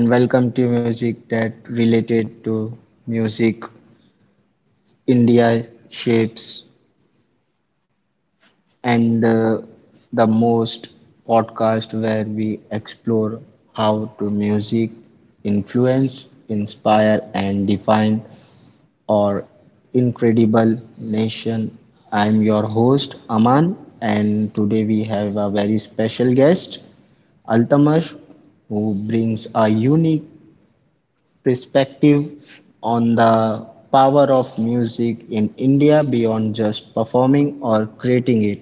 and welcome to music that related to music India shapes and the most podcast where we explore how to music influence, inspire and define our incredible nation. I'm your host Aman, and today we have a very special guest Altamash, who brings a unique perspective on the power of music in India beyond just performing or creating it.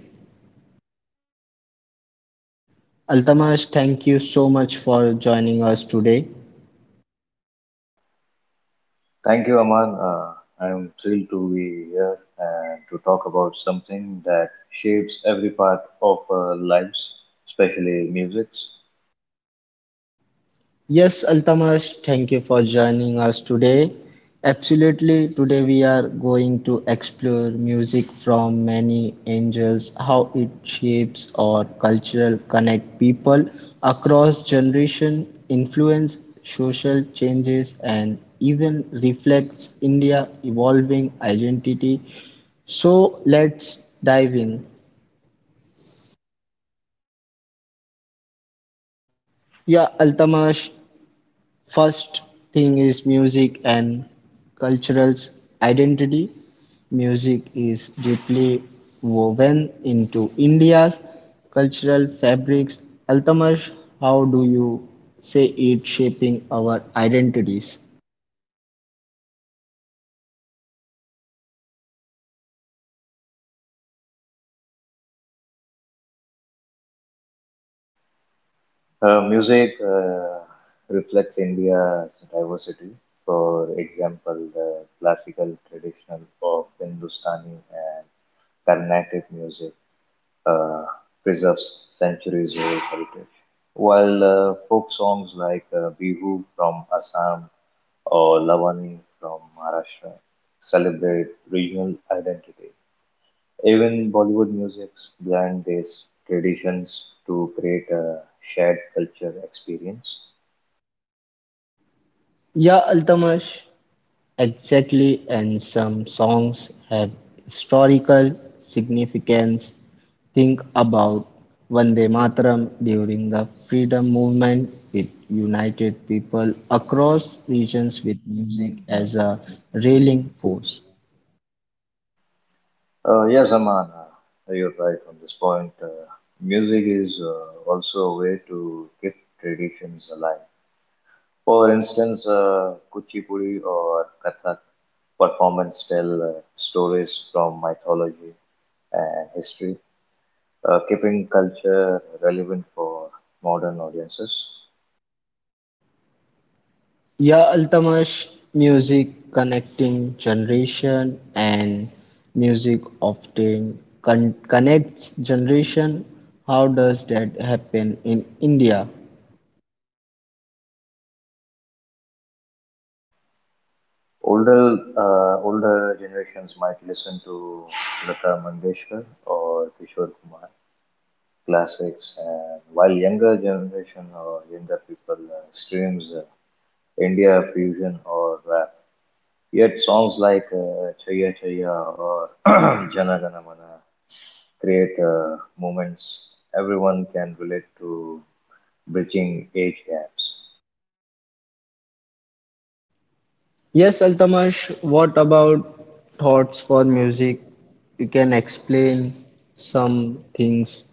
Altamash, thank you so much for joining us today. Thank you, Aman. I'm thrilled to be here and to talk about something that shapes every part of our lives, especially music. Yes, Altamash, thank you for joining us today. Absolutely, today we are going to explore music from many angles, how it shapes our cultural connect people across generation, influence social changes and even reflects India evolving identity. So let's dive in. Yeah, Altamash, first thing is music and cultural identity. Music is deeply woven into India's cultural fabrics. Altamash, how do you say it shaping our identities? Music reflects India's diversity. For example, the classical, traditional, of Hindustani and Carnatic music uh, preserves centuries old heritage. While folk songs like Bihu from Assam or Lavani from Maharashtra celebrate regional identity. Even Bollywood music blend these traditions to create a shared culture experience. Yeah, Altamash, exactly, and some songs have historical significance. Think about Vande Mataram during the freedom movement. It united people across regions with music as a rallying force. Yes, Aman, you're right on this point. Music is also a way to keep traditions alive. For instance, Kuchipudi or Kathak performance tell stories from mythology and history, keeping culture relevant for modern audiences. Ya Altamash, music connecting generation and music often connects generation. How does that happen in India? Older generations might listen to Lata Mangeshkar or Kishore Kumar classics, and while younger generation or younger people streams India fusion or rap. Yet songs like Chaya Chaya or Jana Gana Mana create moments everyone can relate to bridging age gaps. Yes, Altamash, what about thoughts for music? You can explain some things.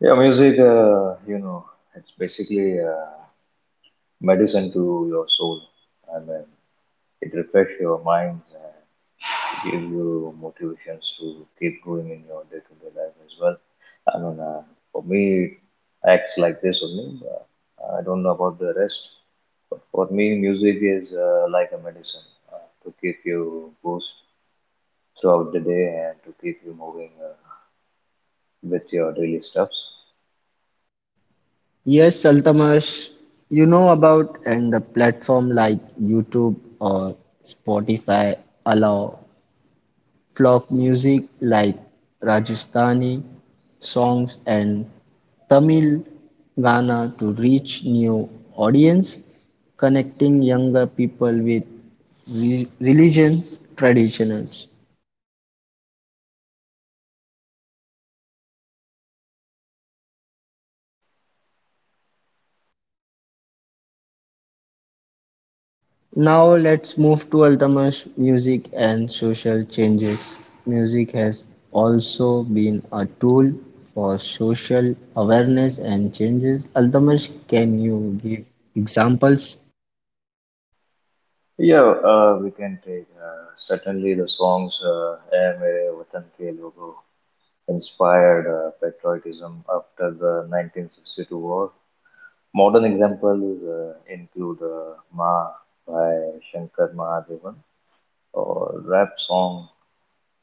Yeah, music, it's basically medicine to your soul. I mean, it refreshes your mind, give you motivations to keep going in your day to day life as well. I mean, for me, it acts like this only. I don't know about the rest, but for me, music is like a medicine to keep you boost throughout the day and to keep you moving with your daily steps. Yes, Altamash, you know about and the platform like YouTube or Spotify allow folk music like Rajasthani songs and Tamil Ghana to reach new audience, connecting younger people with religions, traditions. Now let's move to Altamash, music and social changes. Music has also been a tool for social awareness and changes. Altamash, can you give examples? Yeah, we can take certainly the songs "Hai Mere Watan Ke Logo" inspired patriotism after the 1962 war. Modern examples include Ma by Shankar Mahadevan or rap song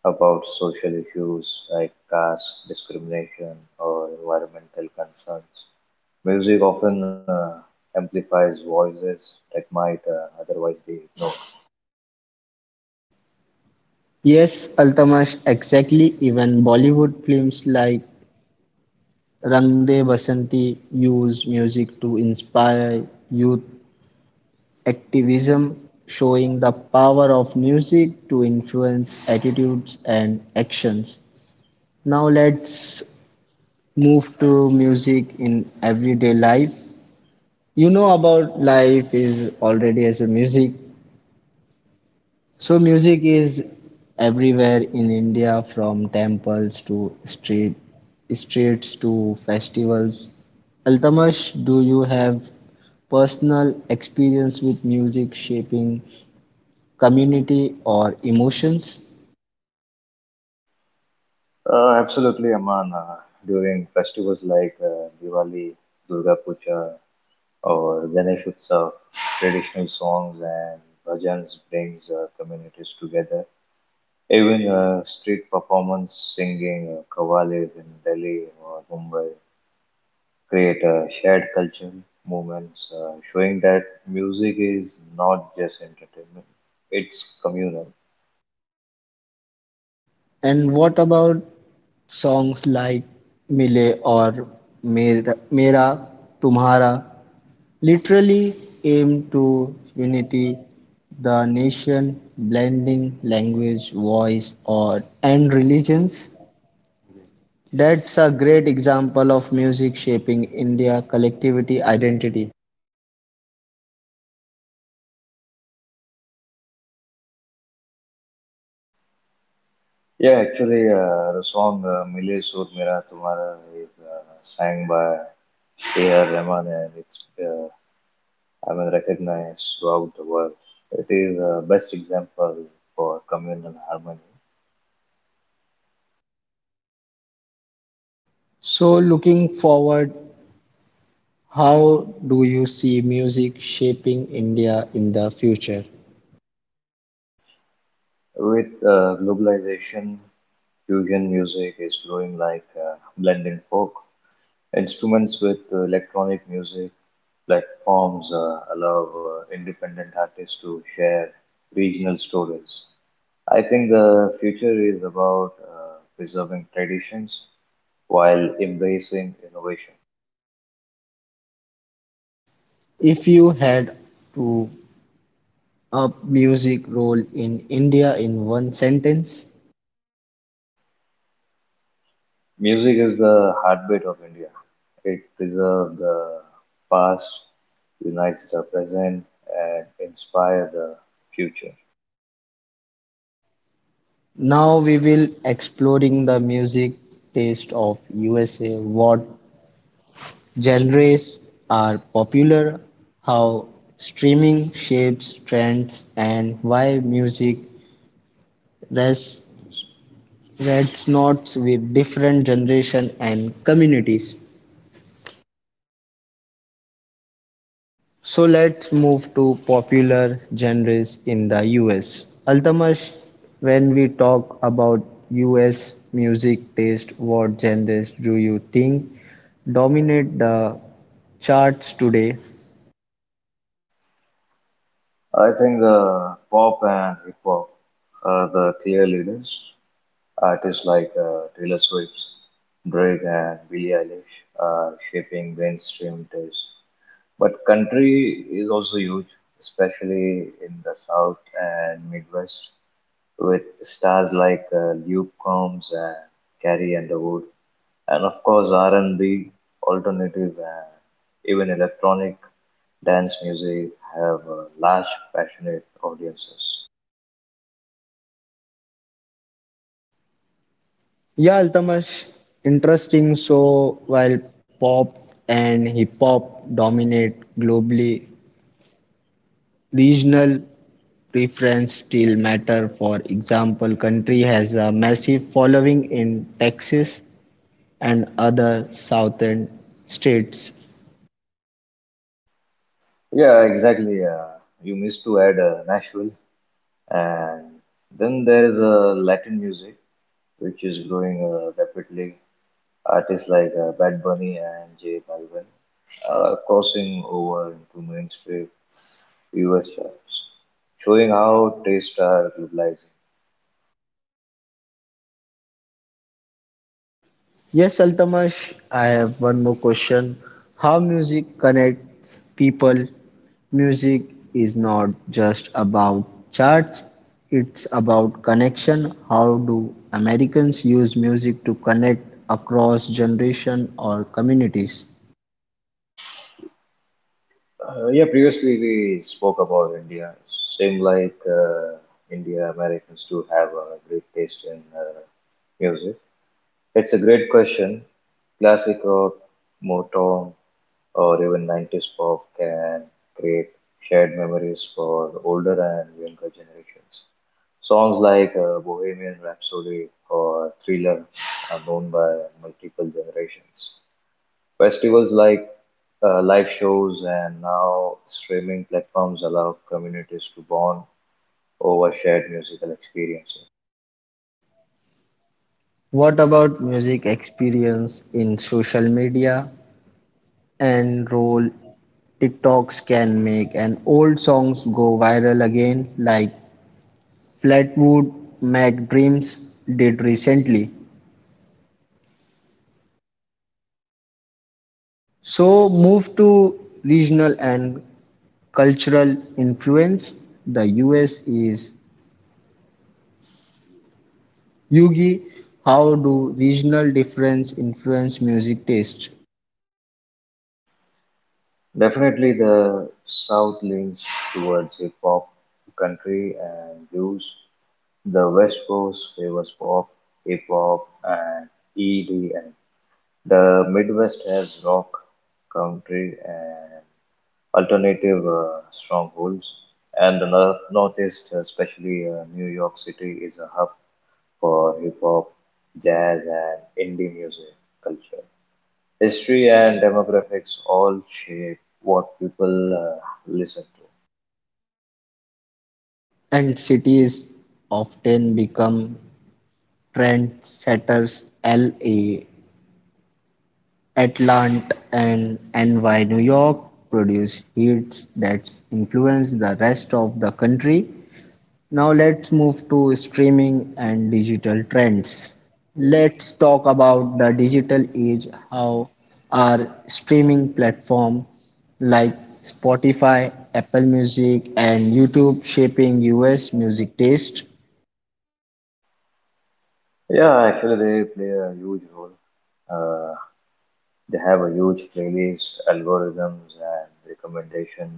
about social issues like caste discrimination or environmental concerns. Music often amplifies voices that might otherwise be ignored. Yes, Altamash, exactly. Even Bollywood films like Rang De Basanti use music to inspire youth activism, showing the power of music to influence attitudes and actions. Now let's move to music in everyday life. You know about life is already as a music. So music is everywhere in India, from temples to streets to festivals. Altamash, do you have personal experience with music shaping community or emotions? Absolutely, Aman. During festivals like Diwali, Durga Puja, or benefits of traditional songs and bhajans brings communities together. Even street performance, singing, kavalis in Delhi or Mumbai create a shared cultural movements, showing that music is not just entertainment; it's communal. And what about songs like Mile or Mera, Mera Tumhara? Literally aim to unity the nation, blending language, voice, or and religions. That's a great example of music shaping India collectivity identity. Yeah, actually, the song "Mile Sur Mera Tumhara" is sang by A.R. Rahman, and it's I mean, recognized throughout the world. It is the best example for communal harmony. So, looking forward, how do you see music shaping India in the future? With globalization, fusion music is growing like blending folk. Instruments with electronic music platforms allow independent artists to share regional stories. I think the future is about preserving traditions while embracing innovation. If you had to a music role in India in one sentence. Music is the heartbeat of India. It preserves the past, unites the present, and inspires the future. Now we will exploring the music taste of USA, what genres are popular, how streaming shapes trends and why music res- resonates with different generation and communities. So let's move to popular genres in the US. Altamash, when we talk about US music taste, what genres do you think dominate the charts today? I think the pop and hip hop are the clear leaders. Artists like Taylor Swift, Drake, and Billie Eilish are shaping mainstream taste. But country is also huge, especially in the South and Midwest, with stars like Luke Combs and Carrie Underwood, and of course R&B, alternative, and even electronic dance music have large, passionate audiences. Yeah, Altamash, interesting. So while pop and hip hop dominate globally, regional preference still matter. For example, country has a massive following in Texas and other southern states. Yeah, exactly. You missed to add Nashville. And then there is Latin music, which is growing rapidly. Artists like Bad Bunny and J Balvin are crossing over into mainstream US charts, showing how tastes are globalizing. Yes, Altamash, I have one more question. How music connects people? Music is not just about charts, it's about connection. How do Americans use music to connect across generation or communities? Yeah, previously we spoke about India. Same like India, Americans do have a great taste in music. It's a great question. Classic rock, Motown, or even 90s pop can create shared memories for older and younger generations. Songs like Bohemian Rhapsody or Thriller are known by multiple generations. Festivals like live shows and now streaming platforms allow communities to bond over shared musical experiences. What about music experience in social media? And roll TikToks can make an old songs go viral again, like Flatwood Mac Dreams did recently. So move to regional and cultural influence. The US is Yugi. How do regional difference influence music taste? Definitely, the South leans towards hip hop, country, and blues. The West Coast favors pop, hip hop, and EDM. The Midwest has rock, country, and alternative strongholds. And the North Northeast, especially New York City, is a hub for hip hop, jazz, and indie music. Culture, history, and demographics all shape what people listen to. And cities often become trendsetters. LA, Atlanta and NY, New York produced hits that influenced the rest of the country. Now let's move to streaming and digital trends. Let's talk about the digital age, how are streaming platforms like Spotify, Apple Music and YouTube shaping US music taste. Yeah, actually, they play a huge role. Uh, they have a huge playlist, algorithms, and recommendation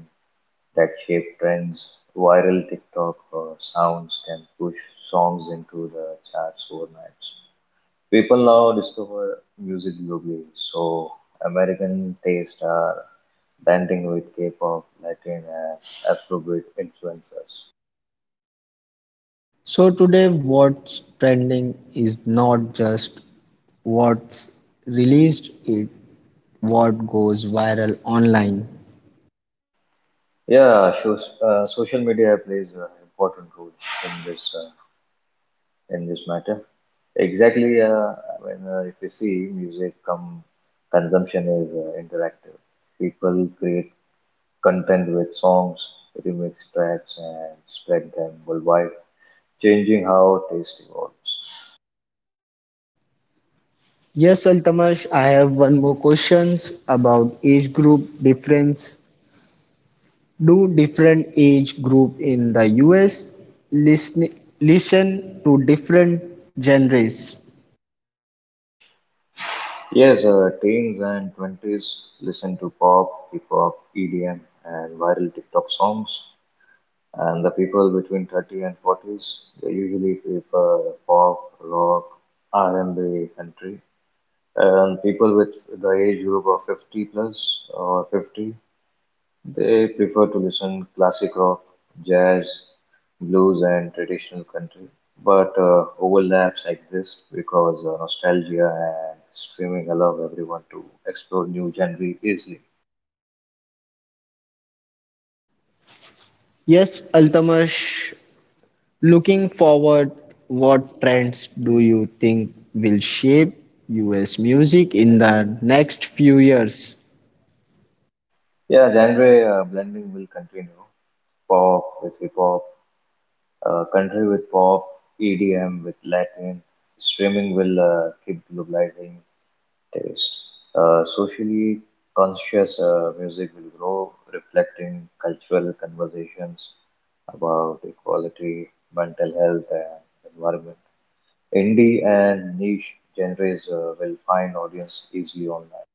that shape trends. Viral TikTok sounds can push songs into the charts overnight. People now discover music globally, so American tastes are blending with K-pop, Latin, and Afrobeat influences. So today what's trending is not just what's released, it what goes viral online. Yeah, shows, social media plays an important role in this uh, in this matter. Exactly, when if you see music come consumption is interactive. People create content with songs, remix tracks, and spread them worldwide, changing how taste evolves. Yes, Altamash, I have one more questions about age group difference. Do different age group in the US listen to different genres? Yes, teens and twenties listen to pop, hip hop, EDM, and viral TikTok songs. And the people between 30 and 40s, they usually prefer pop, rock, R&B, country. And people with the age group of 50 plus or 50, they prefer to listen classic rock, jazz, blues, and traditional country. But overlaps exist because nostalgia and streaming allow everyone to explore new genre easily. Yes, Altamash, looking forward, what trends do you think will shape US music in the next few years? Yeah, genre blending will continue. Pop with hip hop, country with pop, EDM with Latin. Streaming will keep globalizing taste. Socially conscious music will grow, reflecting cultural conversations about equality, mental health, and environment. Indie and niche genres will find audience easily online.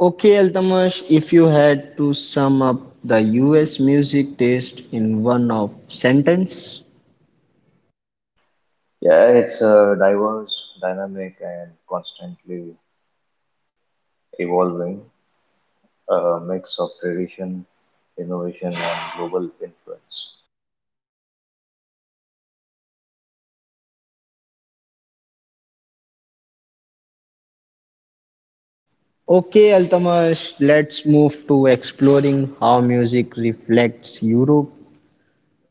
Okay, Altamash, if you had to sum up the US music taste in one of sentence. Yeah, it's diverse, dynamic, and constantly evolving, a mix of tradition, innovation, and global influence. Okay, Altamash, let's move to exploring how music reflects Europe,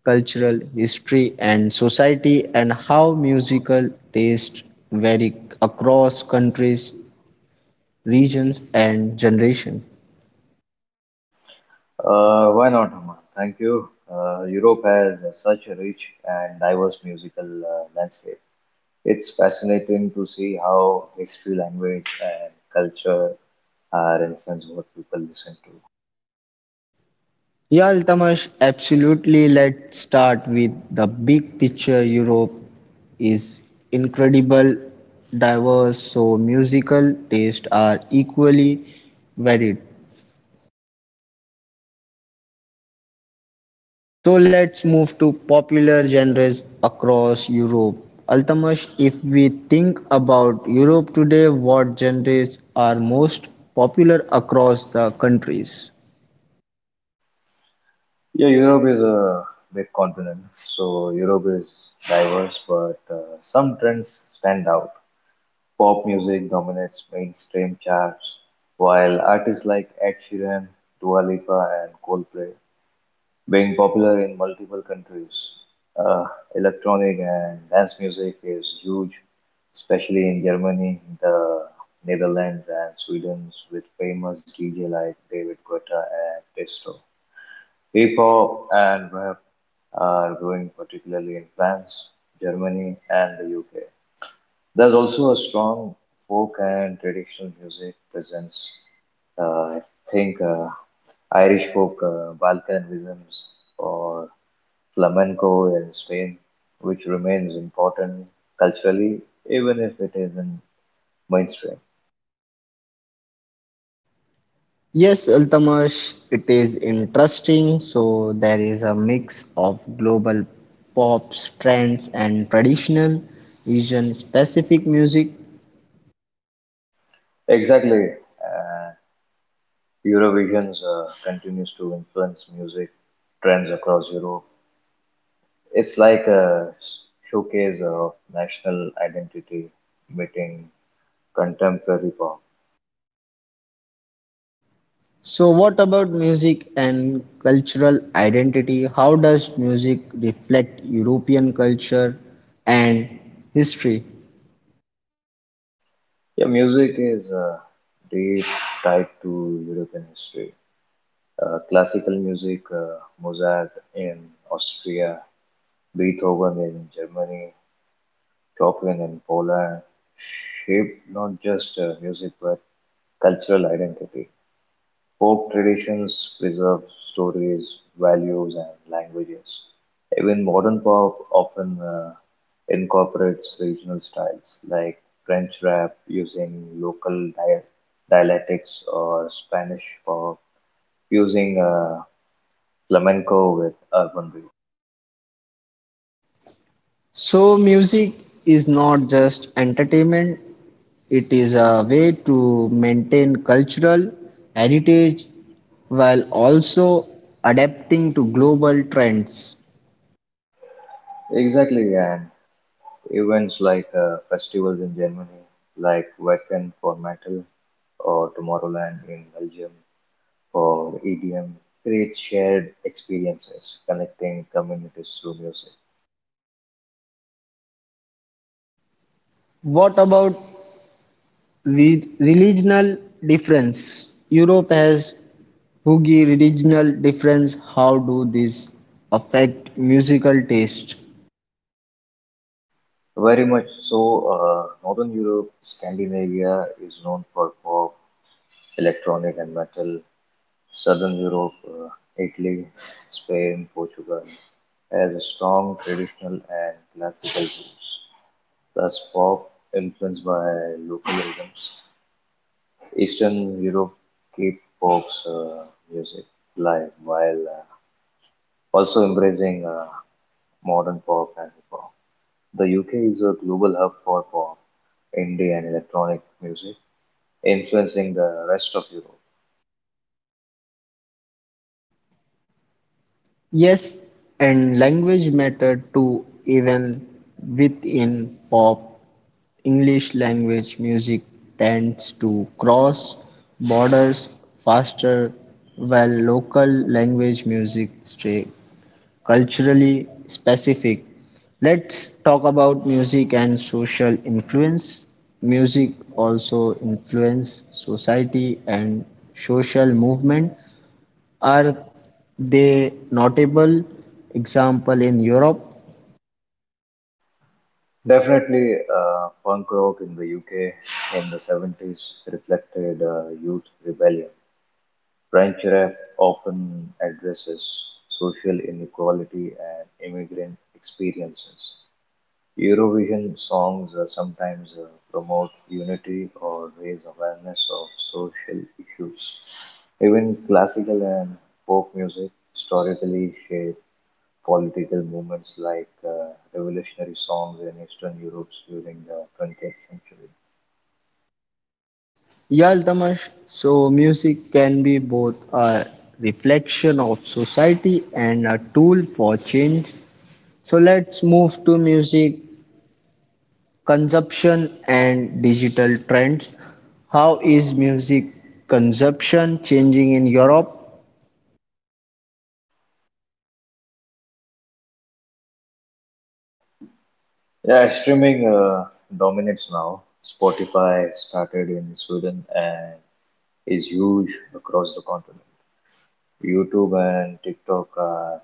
cultural history and society and how musical taste vary across countries, regions and generation. Why not, Aman? Thank you. Europe has such a rich and diverse musical landscape. It's fascinating to see how history, language, and culture are influencing what people listen to. Yeah, Altamash, absolutely. Let's start with the big picture. Europe is incredible, diverse, so musical tastes are equally varied. So let's move to popular genres across Europe. Altamash, if we think about Europe today, what genres are most popular across the countries? Yeah, Europe is a big continent, so Europe is diverse, but some trends stand out. Pop music dominates mainstream charts, while artists like Ed Sheeran, Dua Lipa, and Coldplay being popular in multiple countries. Uh, Electronic and dance music is huge, especially in Germany, the Netherlands, and Sweden, with famous DJ like David Guetta and Tiesto. Hip hop and rap are growing particularly in France, Germany, and the UK. There's also a strong folk and traditional music presence. I think Irish folk, Balkan rhythms, or flamenco in Spain, which remains important culturally, even if it isn't mainstream. Yes, Altamash, it is interesting. So there is a mix of global pop trends and traditional Asian specific music. Exactly. Uh, Eurovisions continues to influence music trends across Europe. It's like a showcase of national identity meeting contemporary pop. So what about music and cultural identity? How does music reflect European culture and history? Yeah, music is deep tied to European history. Classical music, Mozart in Austria, Beethoven in Germany, Chopin in Poland, shaped not just music but cultural identity. Folk traditions preserve stories, values, and languages. Even modern pop often incorporates regional styles like French rap using local dialectics, or Spanish pop using flamenco with urban beats. So, music is not just entertainment, it is a way to maintain cultural heritage while also adapting to global trends. Exactly, and events like festivals in Germany, like Wacken for metal, or Tomorrowland in Belgium, for EDM creates shared experiences, connecting communities through music. What about regional difference? Europe has Hugi regional difference. How do these affect musical taste? Very much so. Northern Europe, Scandinavia is known for pop, electronic, and metal. Southern Europe, Italy, Spain, Portugal, has a strong traditional and classical roots, plus pop influenced by local rhythms. Eastern Europe keep pop's music live, while also embracing modern pop and hip hop. The UK is a global hub for pop, indie, and electronic music, influencing the rest of Europe. Yes, and language mattered too, even within pop. English language music tends to cross borders faster, while local language music stays culturally specific. Let's talk about music and social influence. Music also influences society and social movement. Are they notable example in Europe? Definitely, punk rock in the UK in the 70s reflected youth rebellion. French rap often addresses social inequality and immigrant experiences. Eurovision songs sometimes promote unity or raise awareness of social issues. Even classical and folk music historically shaped political movements like revolutionary songs in Eastern Europe during the 20th century. Yaltamash, so music can be both a reflection of society and a tool for change. So let's move to music consumption and digital trends. How is music consumption changing in Europe? Yeah, streaming dominates now. Spotify started in Sweden and is huge across the continent. YouTube and TikTok are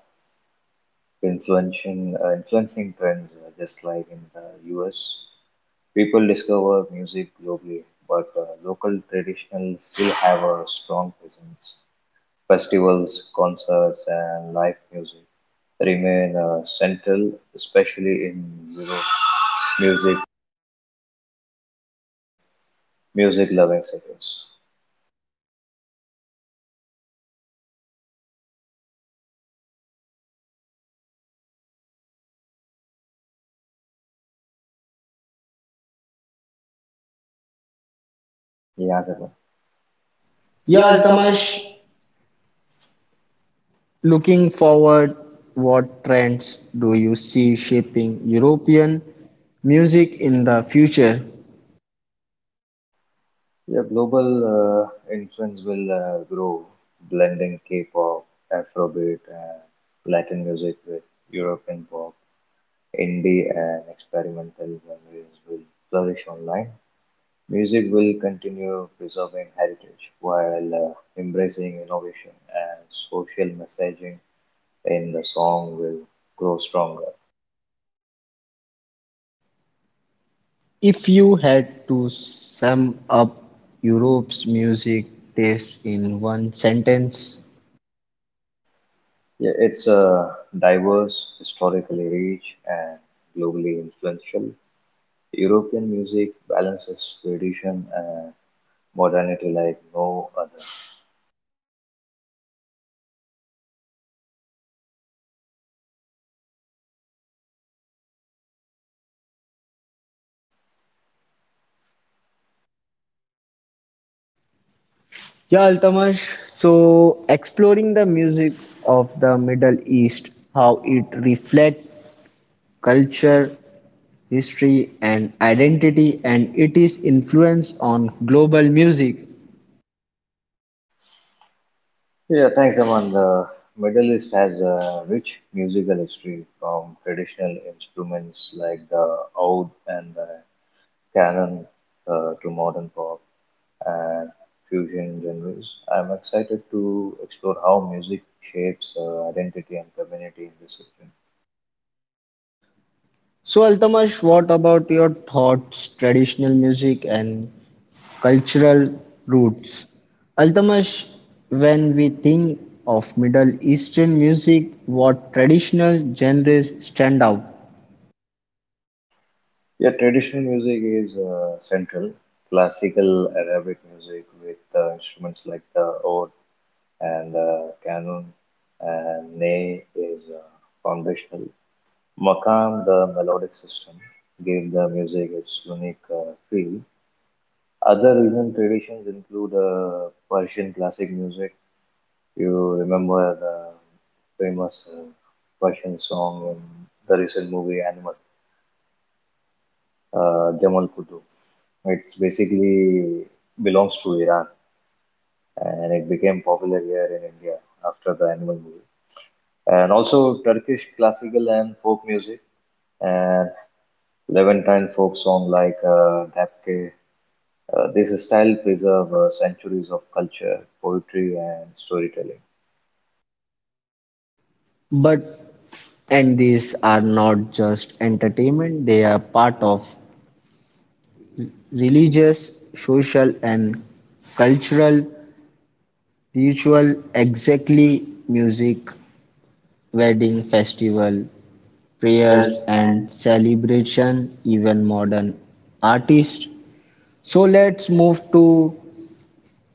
influencing trends just like in the US. People discover music globally, but local traditional still have a strong presence. Festivals, concerts, and live music remain central, especially in Europe. Music, music loving cities. Yeah, Zarna. Yeah, Yeah, Altamash, looking forward, what trends do you see shaping European music in the future? Yeah, global influence will grow, blending K-pop, Afrobeat, and Latin music with European pop. Indie and experimental genres will flourish online. Music will continue preserving heritage while embracing innovation, and social messaging in the song will grow stronger. If you had to sum up Europe's music taste in one sentence, Yeah, it's a diverse, historically rich, and globally influential. European music balances tradition and modernity like no other. yeah, Altamash. So, exploring the music of the Middle East, how it reflects culture, history, and identity, and it is influence on global music. Yeah, thanks, Aman. The Middle East has a rich musical history, from traditional instruments like the oud and the canon to modern pop and fusion genres. I'm excited to explore how music shapes identity and community in this region. So, Altamash, what about your thoughts, traditional music and cultural roots? Altamash, when we think of Middle Eastern music, what traditional genres stand out? Yeah, traditional music is central. Classical Arabic music with instruments like the oud and canon and ney is foundational. Makam, the melodic system, gave the music its unique feel. Other regional traditions include Persian classic music. You remember the famous Persian song in the recent movie Animal, Jamal Quddu. It's basically belongs to Iran, and it became popular here in India after the Animal movie. And also Turkish classical and folk music, and Levantine folk song like Dabke. This style preserves centuries of culture, poetry, and storytelling. But and these are not just entertainment, they are part of religious, social, and cultural ritual. Exactly, music wedding festival, prayers Prayers and and. celebration, even modern artists. So let's move to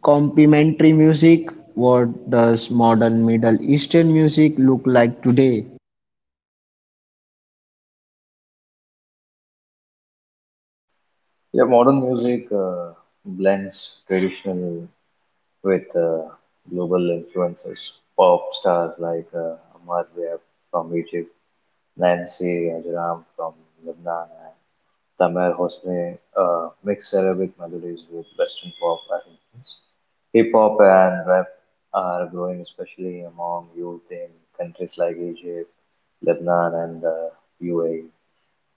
complementary music. What does modern Middle Eastern music look like today? Yeah, modern music blends traditional with global influences. Pop stars like Amar Webb from Egypt, Nancy Ajram from Lebanon, Tamer Hosni mixed Arabic melodies with Western pop arrangements. Hip hop and rap are growing, especially among youth in countries like Egypt, Lebanon, and the UAE.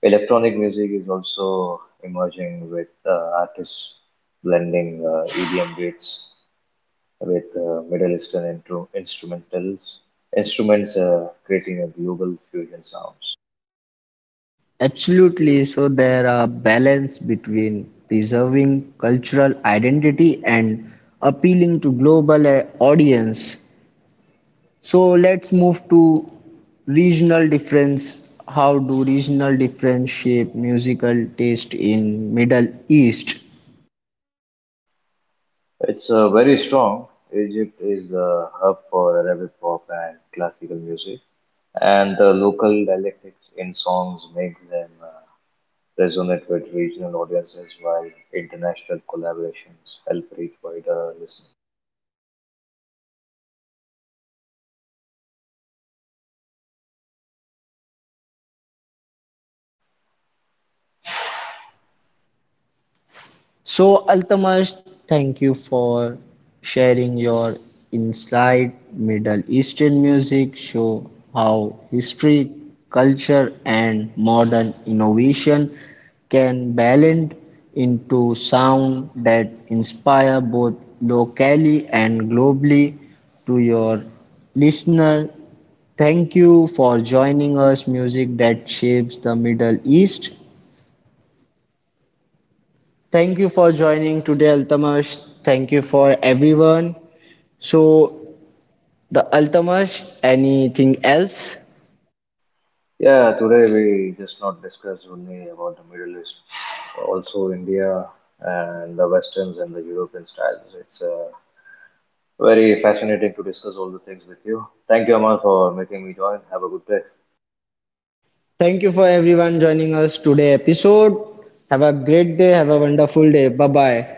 Electronic music is also emerging, with artists blending EDM beats with Middle Eastern instruments, creating a global fusion sound. Absolutely. So there are balance between preserving cultural identity and appealing to global audience. So let's move to regional difference. How do regional difference shape musical taste in Middle East? It's very strong. Egypt is the hub for Arabic pop and classical music, and the local dialectics in songs makes them resonate with regional audiences, while international collaborations help reach wider listeners. So, Altamas, thank you for sharing your insight. Middle Eastern music show how history, culture, and modern innovation can balance into sound that inspire both locally and globally. To your listener, thank you for joining us. Music that shapes the Middle East. Thank you for joining today, Altamash. Thank you for everyone. So, the Altamash, anything else? Yeah, today we just not discussed only about the Middle East, also India and the Westerns and the European styles. It's very fascinating to discuss all the things with you. Thank you, Amal, for making me join. Have a good day. Thank you for everyone joining us today episode. Have a great day. Have a wonderful day. Bye bye.